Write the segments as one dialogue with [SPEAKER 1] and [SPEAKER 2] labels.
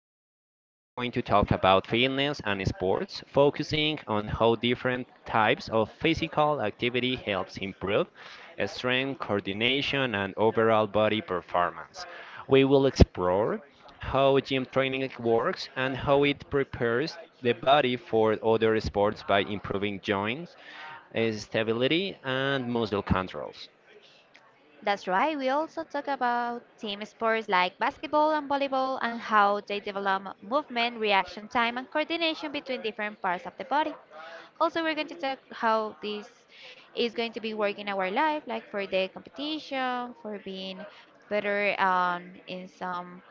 [SPEAKER 1] episode we are going to talk about fitness and sports, focusing on how different types of physical activity helps improve strength, coordination and overall body performance. We will explore how gym training works and how it prepares the body for other sports by improving joints, stability and muscle controls.
[SPEAKER 2] That's right. We also talk about team sports like basketball and volleyball and how they develop movement, reaction time, and coordination between different parts of the body. Also, we're going to talk how this is going to be working our life, like for the competition, for being better in some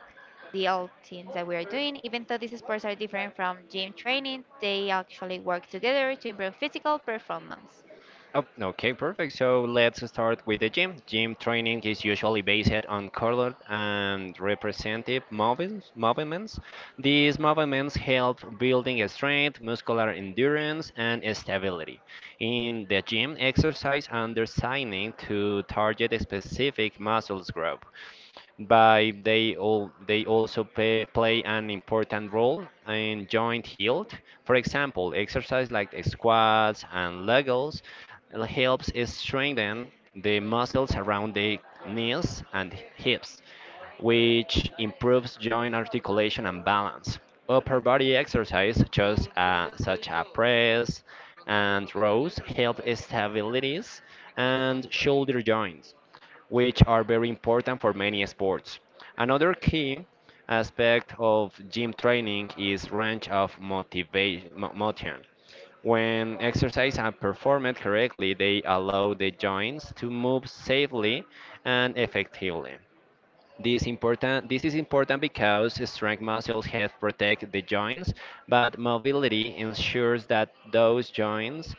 [SPEAKER 2] deal things that we are doing. Even though these sports are different from gym training, they actually work together to improve physical performance.
[SPEAKER 1] Oh, okay, perfect. So let's start with the gym. Gym training is usually based on colored and representative movements. These movements help building strength, muscular endurance, and stability. In the gym, exercise are designed to target a specific muscles group but they also play an important role in joint health. For example, exercise like squats and legs helps strengthen the muscles around the knees and hips, which improves joint articulation and balance. Upper body exercise, such as press and rows, help stabilities and shoulder joints which are very important for many sports. Another key aspect of gym training is range of motion. When exercises are performed correctly, they allow the joints to move safely and effectively. This is important because strength muscles help protect the joints, but mobility ensures that those joints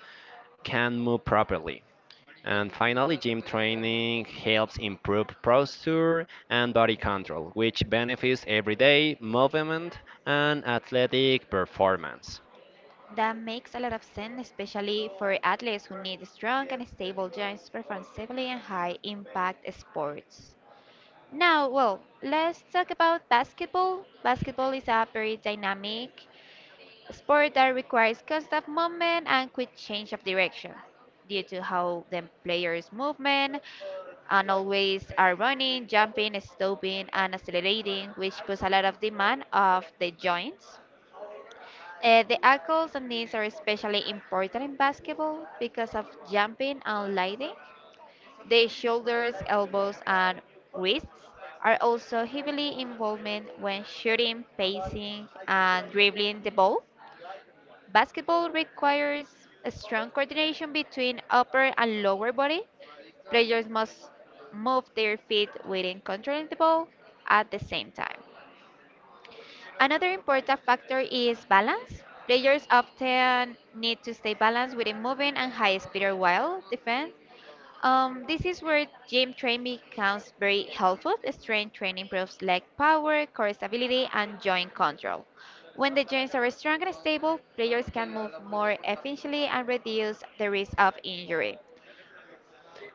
[SPEAKER 1] can move properly. And finally, gym training helps improve posture and body control, which benefits everyday movement and athletic performance.
[SPEAKER 2] That makes a lot of sense, especially for athletes who need strong and stable joints to perform safely in high impact sports. Now, well, let's talk about basketball. Basketball is a very dynamic sport that requires constant movement and quick change of direction due to how the players' movement and always are running, jumping, stopping, and accelerating, which puts a lot of demand of the joints. The ankles and knees are especially important in basketball because of jumping and landing. The shoulders, elbows, and wrists are also heavily involved when shooting, pacing, and dribbling the ball. Basketball requires a strong coordination between upper and lower body. Players must move their feet within controlling the ball at the same time. Another important factor is balance. Players often need to stay balanced within moving and high speed or wild defense. This is where gym training becomes very helpful. Strength training improves leg power, core stability, and joint control. When the joints are strong and stable, players can move more efficiently and reduce the risk of injury.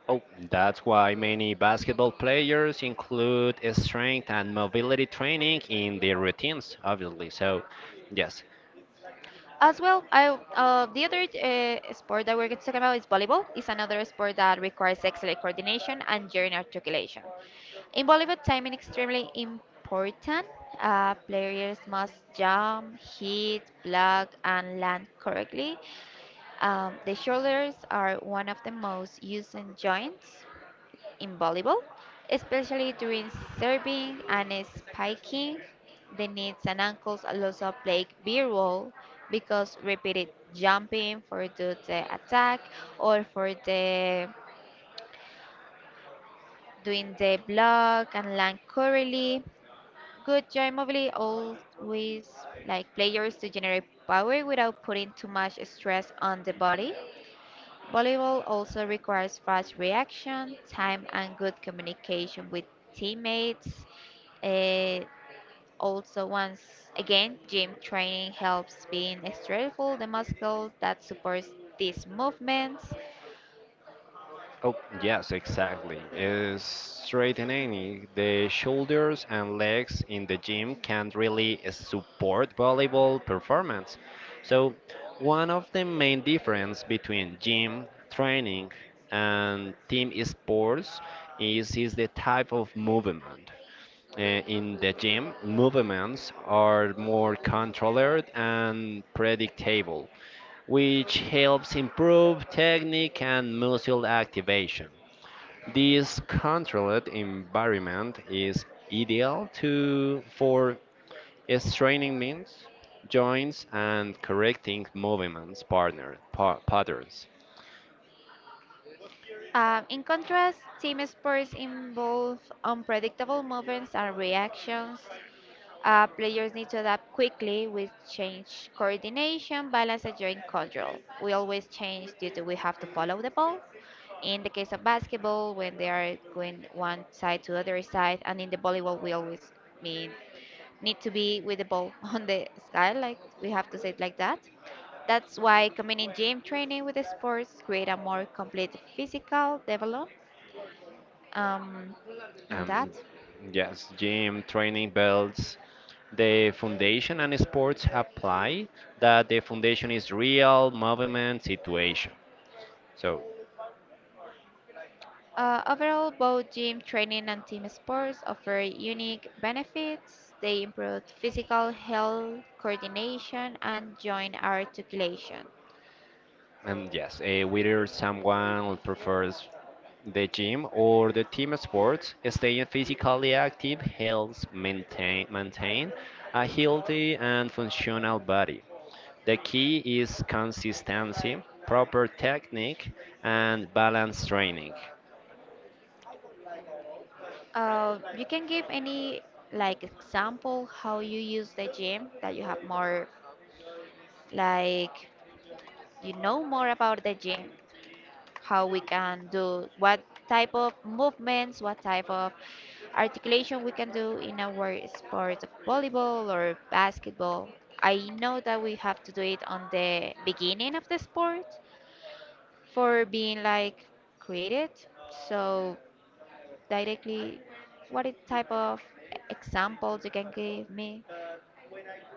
[SPEAKER 1] Oh, that's why many basketball players include strength and mobility training in their routines, obviously. So, yes.
[SPEAKER 2] As well, I the other sport that we're going to talk about is volleyball. It's another sport that requires excellent coordination and joint articulation. In volleyball, timing is extremely important. Players must jump, hit, block, and land correctly. The shoulders are one of the most used joints in volleyball, especially during serving and spiking. The knees and ankles also play a big role because repeated jumping for do the attack or for the doing the block and land currently. Good joint mobility always like players to generate power without putting too much stress on the body. Volleyball also requires fast reaction time and good communication with teammates. Uh, also, once again, gym training helps being stressful the muscle that supports these movements.
[SPEAKER 1] Oh, yes, exactly. Straightening the shoulders and legs in the gym can not really support volleyball performance. So, one of the main difference between gym training and team sports is the type of movement. In the gym, movements are more controlled and predictable, which helps improve technique and muscle activation. This controlled environment is ideal to for straining means, joints, and correcting movements patterns.
[SPEAKER 2] In contrast, team sports involve unpredictable movements and reactions. Players need to adapt quickly with change coordination, balance, and joint control. We always change due to we have to follow the ball. In the case of basketball, when they are going one side to other side, and in the volleyball, we always mean need to be with the ball on the sky, like we have to say it like that. That's why combining gym training with the sports create a more complete physical development. Um, and that.
[SPEAKER 1] Um, yes, gym training belts. The foundation and sports apply that the foundation is real movement situation. So,
[SPEAKER 2] Overall, both gym training and team sports offer unique benefits. They improve physical health, coordination, and joint articulation.
[SPEAKER 1] and yes, whether someone prefers the gym or the team sports, staying physically active helps maintain a healthy and functional body. The key is consistency, proper technique, and balanced training.
[SPEAKER 2] You can give any like example how you use the gym that you have more like you know more about the gym. How we can do what type of movements, what type of articulation we can do in our sport of volleyball or basketball. I know that we have to do it on the beginning of the sport for being like created. So directly, type of examples you can give me?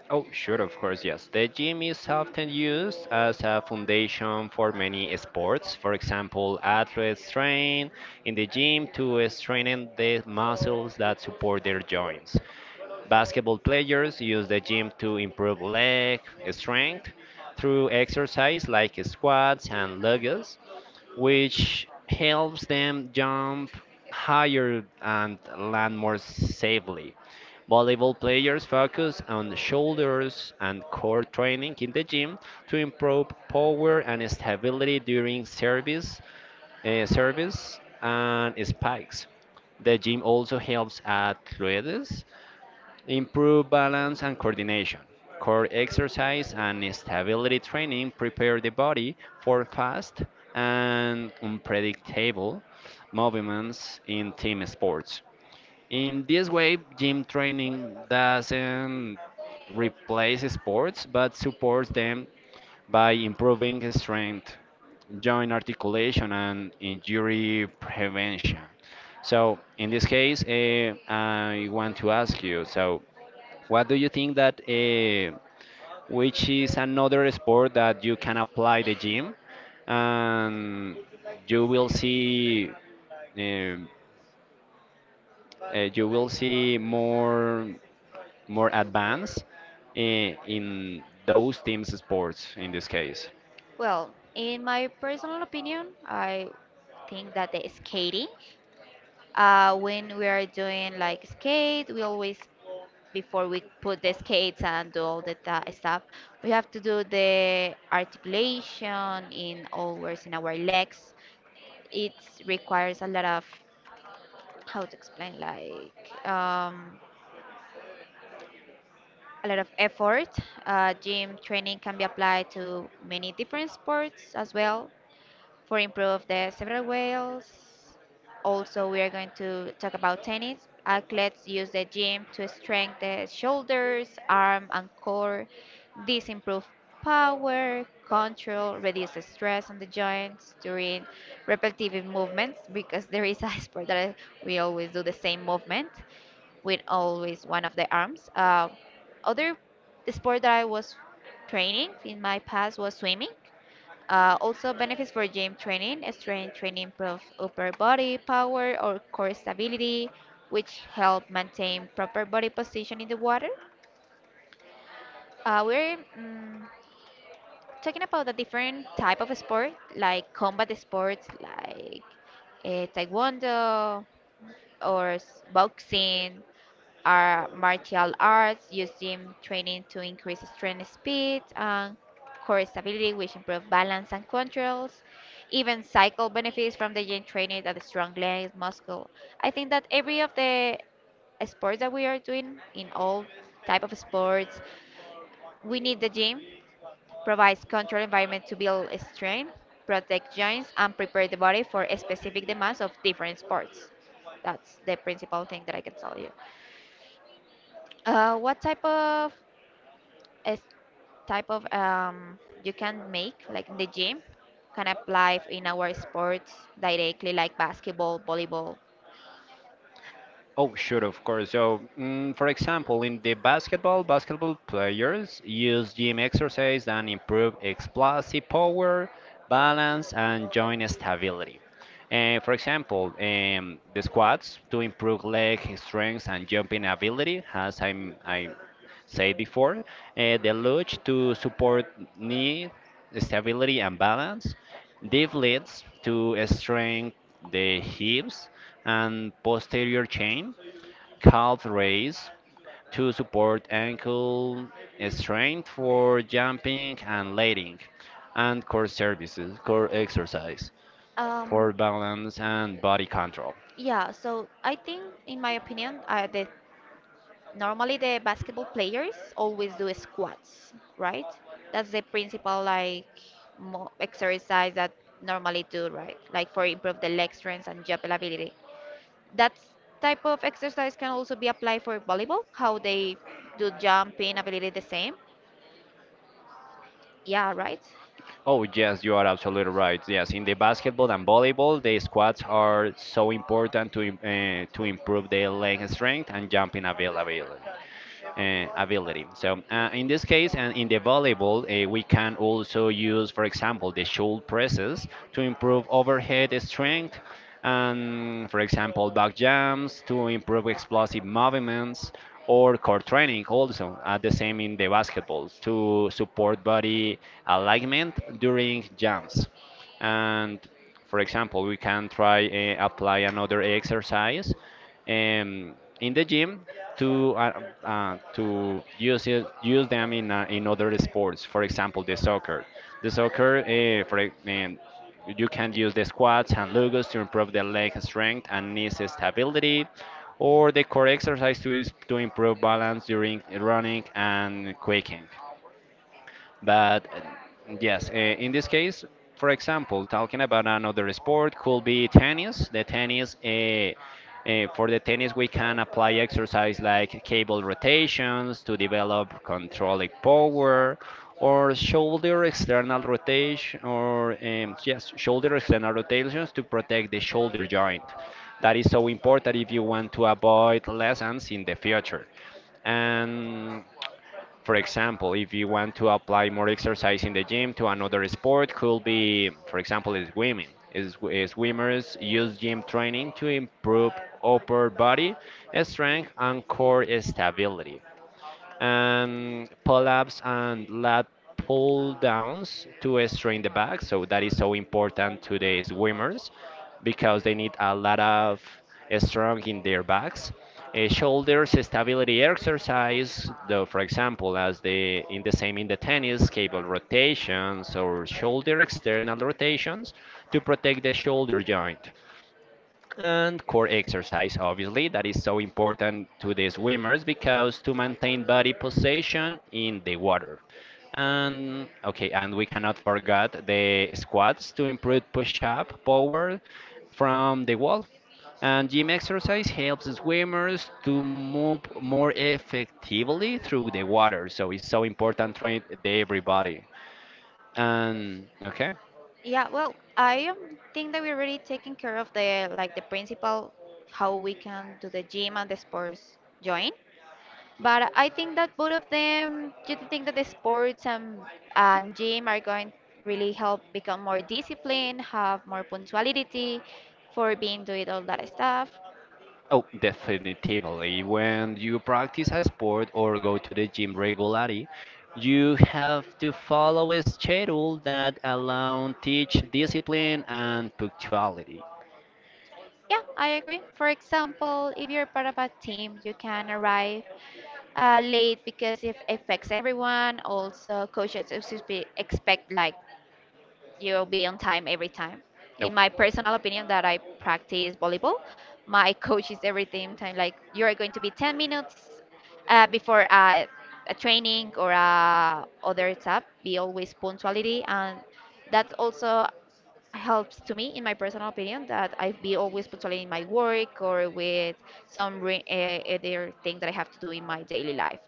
[SPEAKER 1] Oh, sure, of course, yes. The gym is often used as a foundation for many sports. For example, athletes train in the gym to strengthen the muscles that support their joints. Basketball players use the gym to improve leg strength through exercise like squats and lunges, which helps them jump higher and land more safely. Volleyball players focus on shoulders and core training in the gym to improve power and stability during service, service and spikes. The gym also helps athletes improve balance and coordination. Core exercise and stability training prepare the body for fast and unpredictable movements in team sports. In this way, gym training doesn't replace sports but supports them by improving strength, joint articulation, and injury prevention. So, in this case, I want to ask you so, what do you think that which is another sport that you can apply the gym and you will see um, you will see more more advance in those teams sports in this case.
[SPEAKER 2] Well, in my personal opinion, I think that the skating. When we are doing like skate, we always before we put the skates and do all the stuff, we have to do the articulation in always in our legs. It requires a lot of how to explain like a lot of effort. Gym training can be applied to many different sports as well, for improve the several ways. Also, we are going to talk about tennis. Athletes use the gym to strengthen the shoulders, arm, and core. This improves power, control, reduces stress on the joints during repetitive movements because there is a sport that we always do the same movement with always one of the arms. Other sport that I was training in my past was swimming. Also, benefits for gym training. Strength training improves upper body power or core stability, which help maintain proper body position in the water. We're talking about the different type of sport, like combat sports, like taekwondo or boxing, are martial arts, use gym training to increase strength speed and core stability, which improve balance and controls. Even cycle benefits from the gym training that strong legs, muscle. I think that every of the sports that we are doing in all type of sports, we need the gym, provides control environment to build strength, protect joints, and prepare the body for specific demands of different sports. That's the principal thing that I can tell you. What type of a s- type of you can make like in the gym can apply in our sports directly like basketball volleyball.
[SPEAKER 1] Oh, sure, of course. So, for example, in the basketball players use gym exercise and improve explosive power, balance, and joint stability. For example, the squats to improve leg strength and jumping ability, as I said before. The luge to support knee stability and balance. This leads to strain the hips and posterior chain, calf raise to support ankle strength for jumping and landing, and core exercise for
[SPEAKER 2] Um,
[SPEAKER 1] balance and body control.
[SPEAKER 2] yeah, so I think, in my opinion, the normally the basketball players always do squats, right? That's the principal like mo exercise that normally do, right? Like for improve the leg strength and jump ability. That type of exercise can also be applied for volleyball, how they do jumping ability the same. Yeah, right.
[SPEAKER 1] Oh, yes, you are absolutely right. Yes, in the basketball and volleyball, the squats are so important to to improve the leg strength and jumping availability. Ability. So in this case, and in the volleyball, we can also use, for example, the shoulder presses to improve overhead strength, and for example, back jumps to improve explosive movements, or core training also. The same in the basketball to support body alignment during jumps, and for example, we can try apply another exercise um, in the gym to use them in other sports. For example, the soccer. The soccer, you can use the squats and lugos to improve the leg strength and knee stability, or the core exercise to is to improve balance during running and quaking. But yes, in this case, for example, talking about another sport could be tennis. The tennis, for the tennis, we can apply exercise like cable rotations to develop controlling power, or shoulder external rotation, or yes, shoulder external rotations to protect the shoulder joint. That is so important if you want to avoid lessons in the future. And for example, if you want to apply more exercise in the gym to another sport, could be, for example, swimming. Is- Swimmers use gym training to improve upper body strength and core stability pull ups and lat pull downs to strain the back. So that is so important to the swimmers because they need a lot of strong in their backs. Shoulders stability exercise, though, for example, as the in the same in the tennis, cable rotations or shoulder external rotations to protect the shoulder joint and core exercise obviously that is so important to the swimmers because to maintain body position in the water, and okay, and we cannot forget the squats to improve push-up power from the wall, and gym exercise helps the swimmers to move more effectively through the water, so it's so important to train the everybody, and okay.
[SPEAKER 2] Yeah, well, I think that we're already taking care of the like the principal how we can do the gym and the sports join. But I think that both of them, do you think that the sports and gym are going really help become more disciplined, have more punctuality for being doing all that stuff?
[SPEAKER 1] Oh, definitively. When you practice a sport or go to the gym regularly, you have to follow a schedule that allows teach discipline and punctuality.
[SPEAKER 2] Yeah, I agree. For example, if you're part of a team, you can arrive late because it affects everyone. Also, coaches expect like you'll be on time every time.
[SPEAKER 1] No.
[SPEAKER 2] In my personal opinion, that I practice volleyball, my coach is every time like you are going to be 10 minutes before a training or a other stuff. Be always punctuality, and that also helps to me in my personal opinion that I be always punctuality in my work or with other thing that I have to do in my daily life.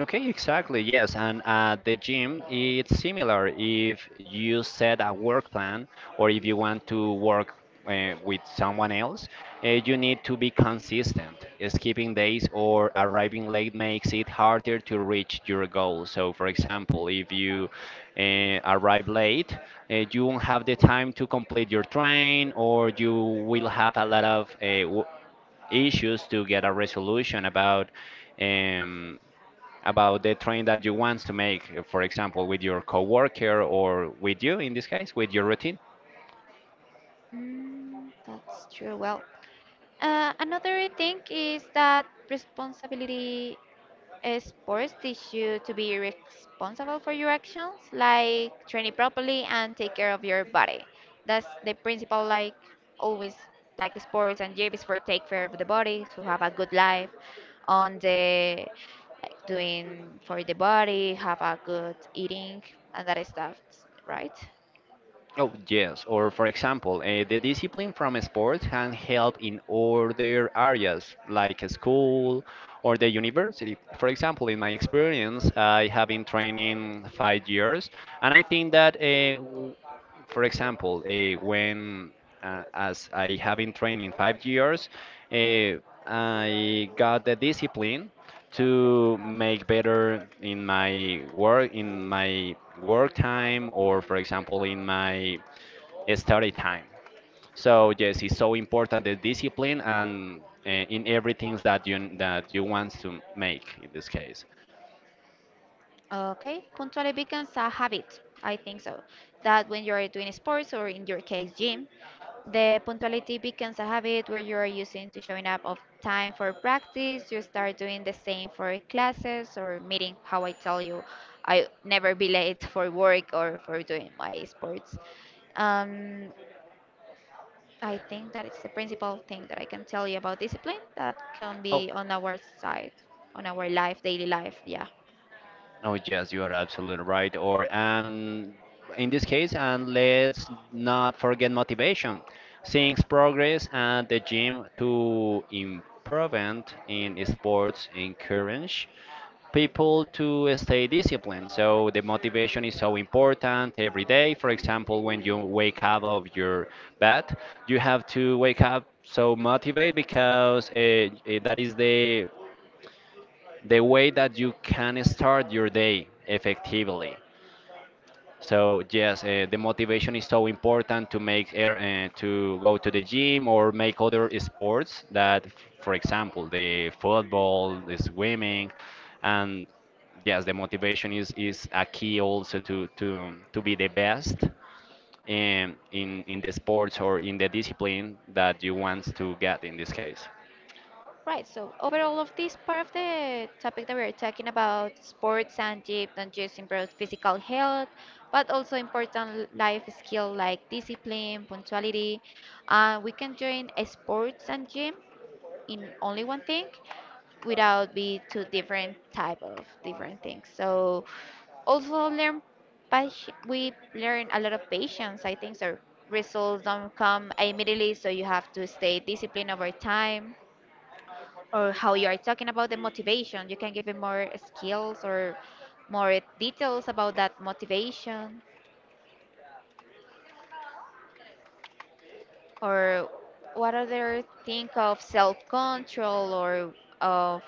[SPEAKER 1] Okay, exactly. Yes, and at the gym, it's similar. If you set a work plan or if you want to work with someone else, you need to be consistent. Skipping days or arriving late makes it harder to reach your goal. So, for example, if you arrive late, you won't have the time to complete your train, or you will have a lot of issues to get a resolution about. Um, about the trend that you want to make, for example, with your coworker or with you in this case, with your routine?
[SPEAKER 2] Mm, that's true. Well, another thing is that responsibility sports teach you to be responsible for your actions, like training properly and take care of your body. That's the principle, like always, like sports and gym is for take care of the body, so have a good life on the like doing for the body, have a good eating and that stuff, right?
[SPEAKER 1] Oh, yes. Or, for example, the discipline from sports can help in other areas like a school or the university. For example, in my experience, I have been training 5 years, and I think that, for example, when as I have been training 5 years, uh, I got the discipline to make better in my work time or for example in my study time, so yes it's so important the discipline and in everything that you want to make in this case.
[SPEAKER 2] Okay, punctuality becomes a habit. I think so. That when you're doing sports or in your case gym, the punctuality becomes a habit where you are using to showing up of time for practice. You start doing the same for classes or meeting. How I tell you, I never be late for work or for doing my sports. Um, I think that it's the principal thing that I can tell you about discipline that can
[SPEAKER 1] Oh,
[SPEAKER 2] be on our side, on our life, daily life. Yeah.
[SPEAKER 1] Oh, yes, you are absolutely right. Or in this case, and let's not forget motivation. Seeing progress at the gym to improvement in sports encourage people to stay disciplined. So the motivation is so important every day. For example, when you wake up of your bed, you have to wake up so motivated because that is the way that you can start your day effectively. So yes, the motivation is so important to make air to go to the gym or make other sports that, for example, the football, the swimming, and yes, the motivation is a key also to be the best in the sports or in the discipline that you want to get in this case.
[SPEAKER 2] Right, so overall of this part of the topic that we are talking about, sports and gym don't just improve physical health, but also important life skill like discipline, punctuality. We can join a sports and gym in only one thing without be two different type of different things. So also learn patient we learn a lot of patience I think so results don't come immediately so you have to stay disciplined over time or how you are talking about the motivation. You can give me more skills or more details about that motivation, or what other think of self-control or of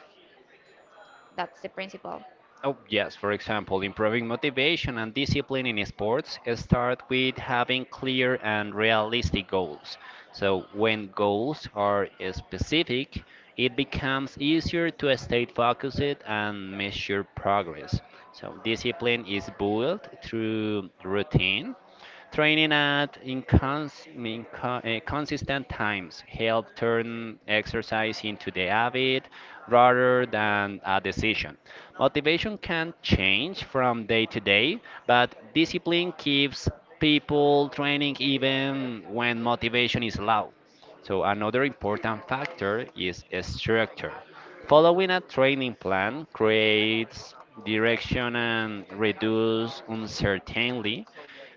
[SPEAKER 2] that's the principle.
[SPEAKER 1] Oh, yes, for example, improving motivation and discipline in sports start with having clear and realistic goals. So, when goals are specific, it becomes easier to stay focused and measure progress. So, discipline is built through routine. Training at consistent times help turn exercise into the habit rather than a decision. Motivation can change from day to day, but discipline keeps people training even when motivation is low. So another important factor is structure. Following a training plan creates direction and reduces uncertainty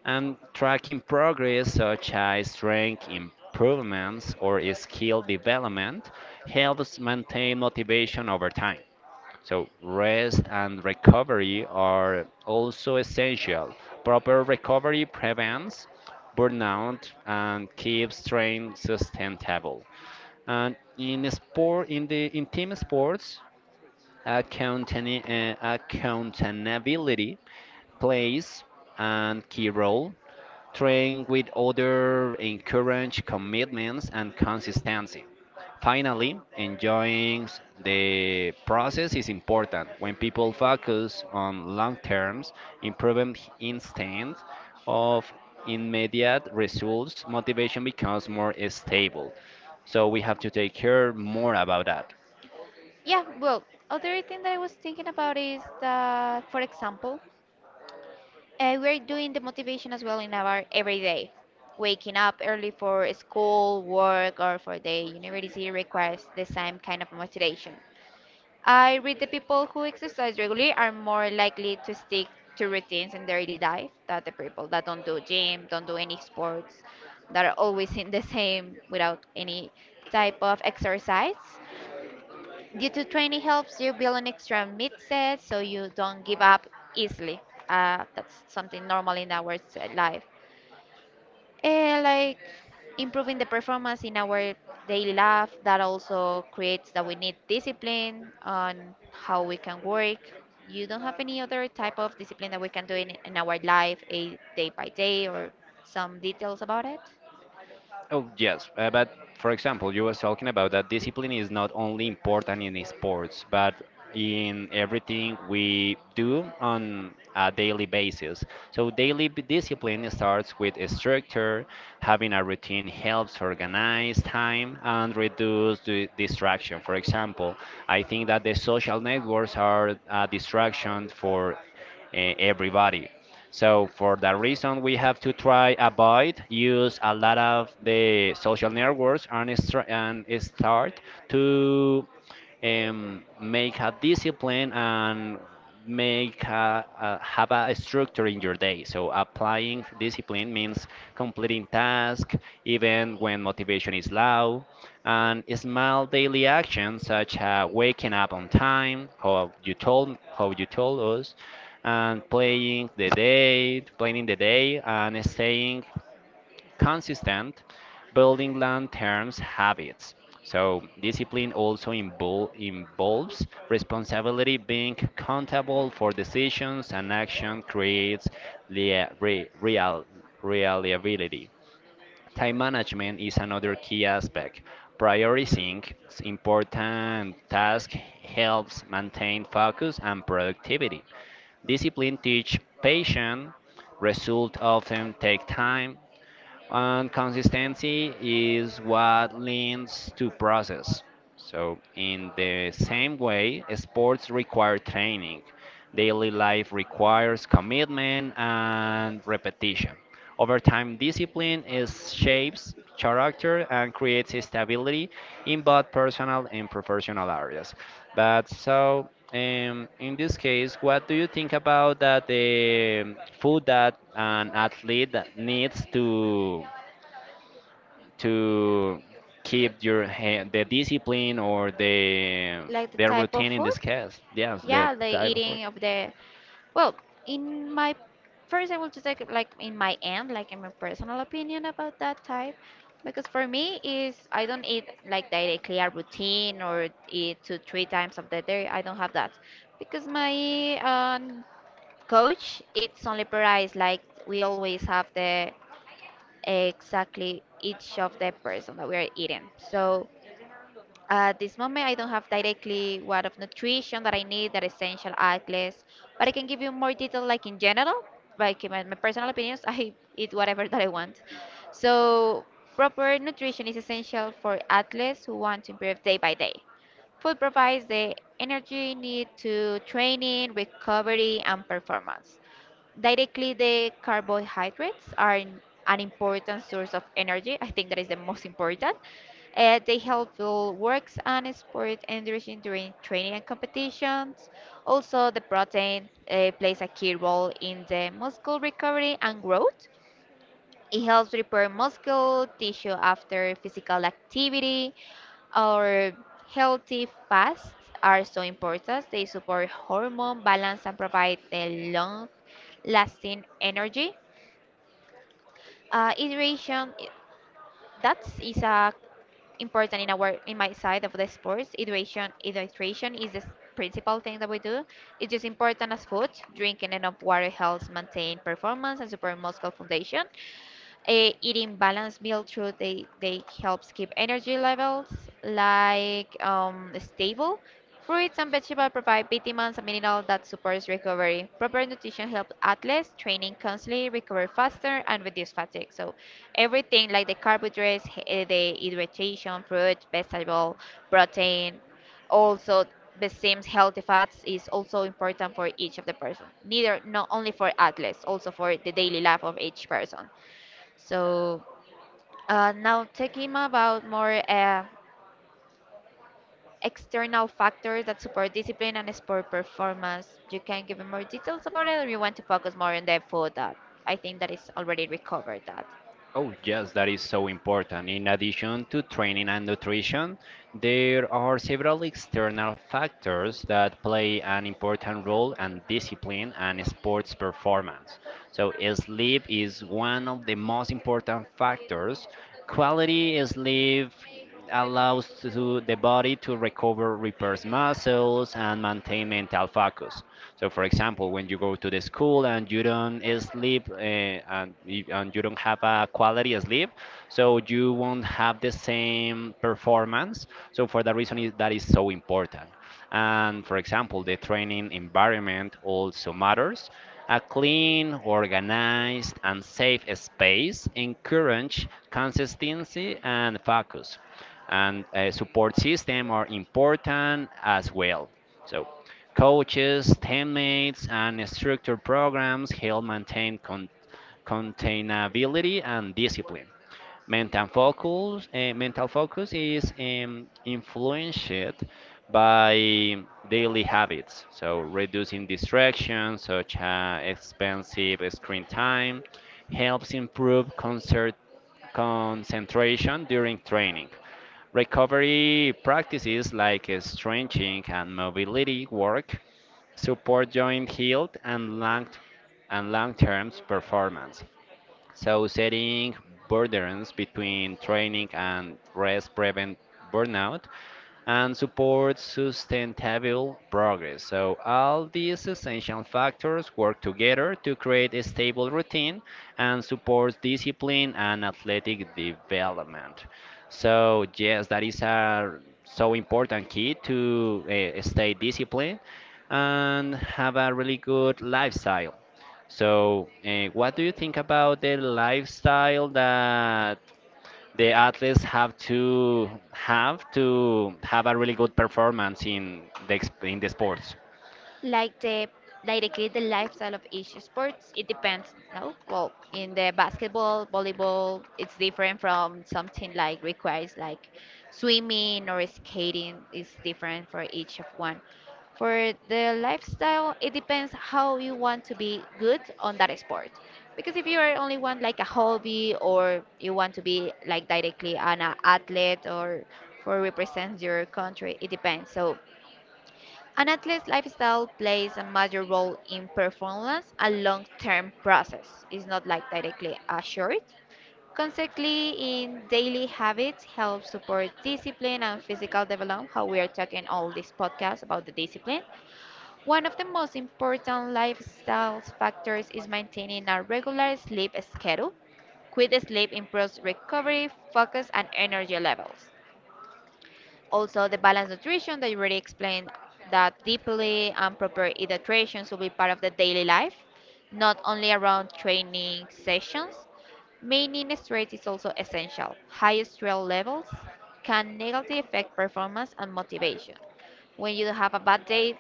[SPEAKER 1] and tracking progress such as strength improvements or skill development helps maintain motivation over time. So, rest and recovery are also essential. Proper recovery prevents burnout and keeps strength sustainable. And in sport, in team sports, accountability plays a key role, train with order, encourage commitments and consistency. Finally, enjoying the process is important. When people focus on long terms, improvement instead of immediate results, motivation becomes more stable. So we have to take care more about that.
[SPEAKER 2] Yeah, well, other thing that I was thinking about is that, for example, we're doing the motivation as well in our everyday. Waking up early for school, work, or for the university requires the same kind of motivation. I read the people who exercise regularly are more likely to stick to routines in their daily life than the people that don't do gym, don't do any sports, that are always in the same without any type of exercise. Due to training helps you build an extra mindset so you don't give up easily. That's something normal in our life. Eh, like improving the performance in our daily life, that also creates that we need discipline on how we can work. You don't have any other type of discipline that we can do in our life, a day by day, or some details about it?
[SPEAKER 1] Oh, yes. But for example, you were talking about that discipline is not only important in sports, but in everything we do on a daily basis. So, discipline starts with a structure. Having a routine helps organize time and reduce the distraction. For example, I think that the social networks are a distraction for everybody. So for that reason, we have to try avoid use a lot of the social networks and, and start to make a discipline and make have a structure in your day. So applying discipline means completing tasks even when motivation is low, and small daily actions such as waking up on time, how you told us, and planning the day, and staying consistent building long-term habits. So discipline also involves responsibility, being accountable for decisions and action creates real reliability. Time management is another key aspect. Prioritizing important tasks helps maintain focus and productivity. Discipline teach patience. Results often take time, and consistency is what leads to process. So, in the same way, sports require training, daily life requires commitment and repetition. Over time, discipline is shapes character and creates stability in both personal and professional areas. But so, in this case, what do you think about that the food that an athlete that needs to keep your the discipline or the
[SPEAKER 2] Like the
[SPEAKER 1] the
[SPEAKER 2] type of
[SPEAKER 1] routine in
[SPEAKER 2] food?
[SPEAKER 1] this case? Yes, the
[SPEAKER 2] Yeah, the
[SPEAKER 1] type of.
[SPEAKER 2] eating of the... Well, in my first, I will just like in my end, like in my personal opinion about that type, because for me is I don't eat like directly a routine or eat two three times of the day. I don't have that because my coach it's only price like we always have the exactly each of the person that we are eating. So at this moment, I don't have directly what of nutrition that I need, that essential athletes, but I can give you more detail, like in general, like in my personal opinions. I eat whatever that I want. So, proper nutrition is essential for athletes who want to improve day by day. Food provides the energy need to training, recovery, and performance. Directly, the carbohydrates are an important source of energy. I think that is the most important. They help build works and sport energy during training and competitions. Also, the protein plays a key role in the muscle recovery and growth. It helps repair muscle tissue after physical activity. Our healthy fats are so important. They support hormone balance and provide the long lasting energy. Hydration, that is a important in our in my side of the sports. Hydration, is the principal thing that we do. It's just important as food. Drinking enough water helps maintain performance and support muscle foundation. Eating balanced meal through they helps keep energy levels like stable. Fruits and vegetables provide vitamins and minerals that supports recovery. Proper nutrition helps athletes training constantly recover faster and reduce fatigue. So everything like the carbohydrates, the hydration, fruit, vegetable, protein, also the same healthy fats is also important for each of the person. Neither not only for athletes, also for the daily life of each person. So now talking about more external factors that support discipline and sport performance, you can give me more details about it, or you want to focus more on the food that I think that is already recovered that.
[SPEAKER 1] Oh, yes, that is so important. In addition to training and nutrition, there are several external factors that play an important role in discipline and sports performance. So, sleep is one of the most important factors. Quality sleep allows to the body to recover, repairs muscles, and maintain mental focus. So, for example, when you go to the school and you don't sleep and, and you don't have a quality sleep, so you won't have the same performance. So, for that reason, is, that is so important. And for example, the training environment also matters. A clean, organized, and safe space encourages consistency and focus. And a support system are important as well. So coaches, teammates, and structured programs help maintain containability and discipline mental focus is influenced by daily habits, so reducing distractions such as expensive screen time helps improve concert concentration during training recovery practices like stretching and mobility work support joint health and long-term performance. So, setting boundaries between training and rest prevent burnout and supports sustainable progress. So, all these essential factors work together to create a stable routine and supports discipline and athletic development. So, yes, that is a so important key to stay disciplined and have a really good lifestyle. So, what do you think about the lifestyle that the athletes have to have a really good performance in the in the sports?
[SPEAKER 2] Like the like they create the lifestyle of each sports. It depends. No, well, in the basketball, volleyball, it's different from something like requires like swimming or skating. Is different for each of one. For the lifestyle, it depends how you want to be good on that sport, because if you are only want like a hobby or you want to be like directly an athlete or for represent your country, it depends. So an athlete's lifestyle plays a major role in performance, a long term process. It's not like directly assured. Consequently, in daily habits help support discipline and physical development, how we are talking all this podcast about the discipline. One of the most important lifestyle factors is maintaining a regular sleep schedule. Quick sleep improves recovery, focus, and energy levels. Also, the balanced nutrition that you already explained that deeply and proper hydration should be part of the daily life, not only around training sessions. Maintaining stress is also essential. High stress levels can negatively affect performance and motivation. When you have a bad day,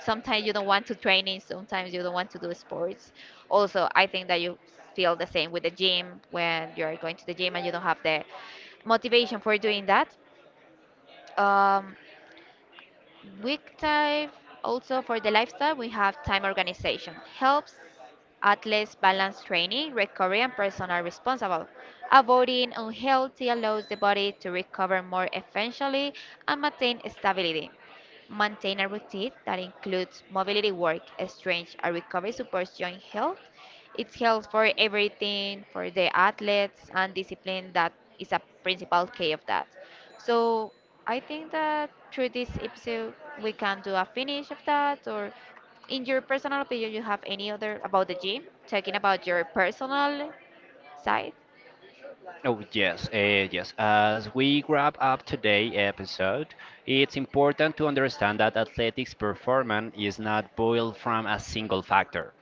[SPEAKER 2] sometimes you don't want to training, sometimes you don't want to do sports. Also, I think that you feel the same with the gym when you are going to the gym and you don't have the motivation for doing that. Um, Week type also for the lifestyle, we have time organization. Helps athletes balance training, recovery, and personal responsible. Avoiding unhealthy allows the body to recover more efficiently and maintain stability. Maintain a routine that includes mobility work, strength, and recovery supports joint health. It's health for everything, for the athletes and discipline that is a principal key of that. So I think that through this episode we can do a finish of that, or in your personal opinion you have any other about the gym, talking about your personal side?
[SPEAKER 1] Oh, yes, yes. As we wrap up today's episode, it's important to understand that athletics performance is not boiled from a single factor.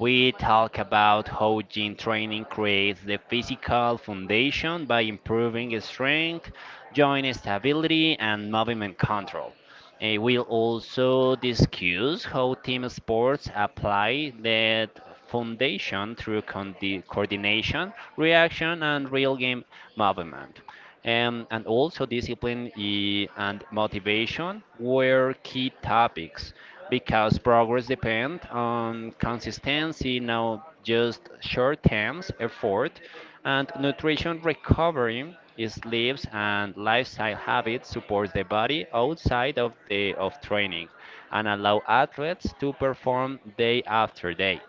[SPEAKER 1] We talk about how gym training creates the physical foundation by improving strength, joint stability, and movement control. Eh, we'll also discuss how team sports apply that foundation through coordination, reaction, and real game movement. And also, discipline and motivation were key topics because progress depends on consistency, not just short term effort, and nutrition recovery. Sleeps and lifestyle habits supports the body outside of the of training and allow athletes to perform day after day.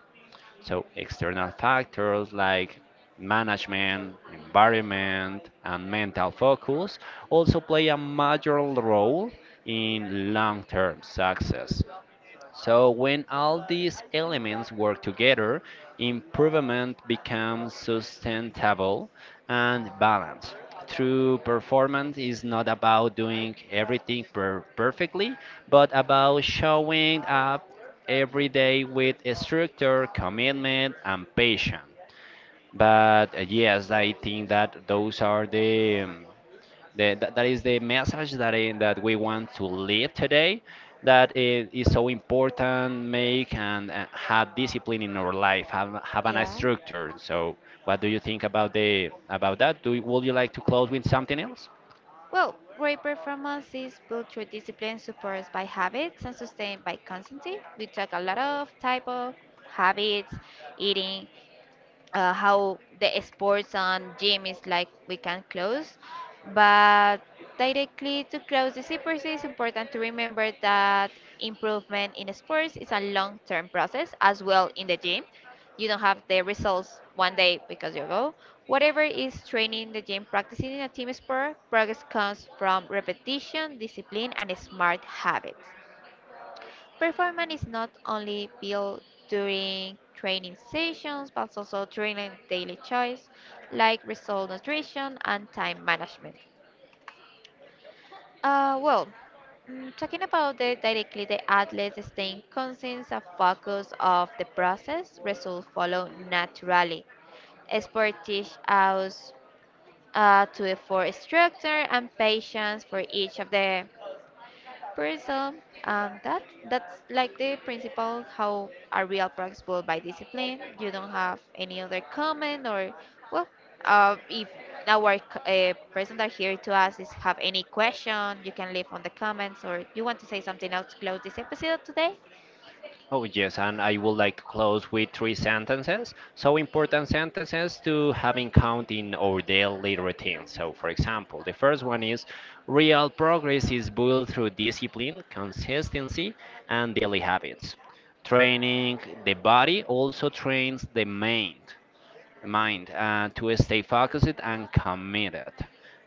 [SPEAKER 1] So external factors like management, environment, and mental focus also play a major role in long-term success. So when all these elements work together, improvement becomes sustainable and balanced. True performance is not about doing everything perfectly, but about showing up every day with structure, commitment, and patience. But yes, I think that those are the that is the message that we want to leave today. That is so important. Make and have discipline in our life. Have a nice
[SPEAKER 2] Yeah.
[SPEAKER 1] structure. So, what do you think about the about that? Do you, would you like to close with something else?
[SPEAKER 2] Well, great performance is built through discipline supported by habits and sustained by constancy. We talk a lot of type of habits, eating, how the sports and gym is like we can close, but directly to close the secrecy, it's important to remember that improvement in sports is a long-term process as well in the gym. You don't have the results one day because you go whatever is training the gym practicing in a team sport. Progress comes from repetition, discipline, and smart habits. Performance is not only built during training sessions but also during a daily choice like result nutrition and time management. Uh, well, talking about the directly the athletes staying conscious and focus of the process, results follow naturally. Sport teach us to effort structure and patience for each of the person. That that's like the principle how a real practice built by discipline. You don't have any other comment or well, if our person that here to us is have any question, you can leave on the comments or you want to say something else to close this episode today.
[SPEAKER 1] Oh, yes, and I would like to close with three sentences. So, important sentences to have in count in our daily routine. So, for example, the first one is real progress is built through discipline, consistency, and daily habits. Training the body also trains the mind to stay focused and committed.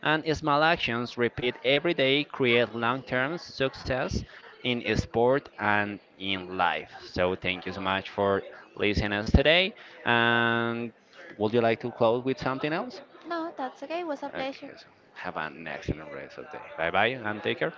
[SPEAKER 1] And small actions repeat every day create long term success in sport and in life. So, thank you so much for listening us today. And would you like to close with something else?
[SPEAKER 2] No, that's okay. It was a
[SPEAKER 1] Okay,
[SPEAKER 2] pleasure.
[SPEAKER 1] so have an excellent rest of the day. Bye bye and take care.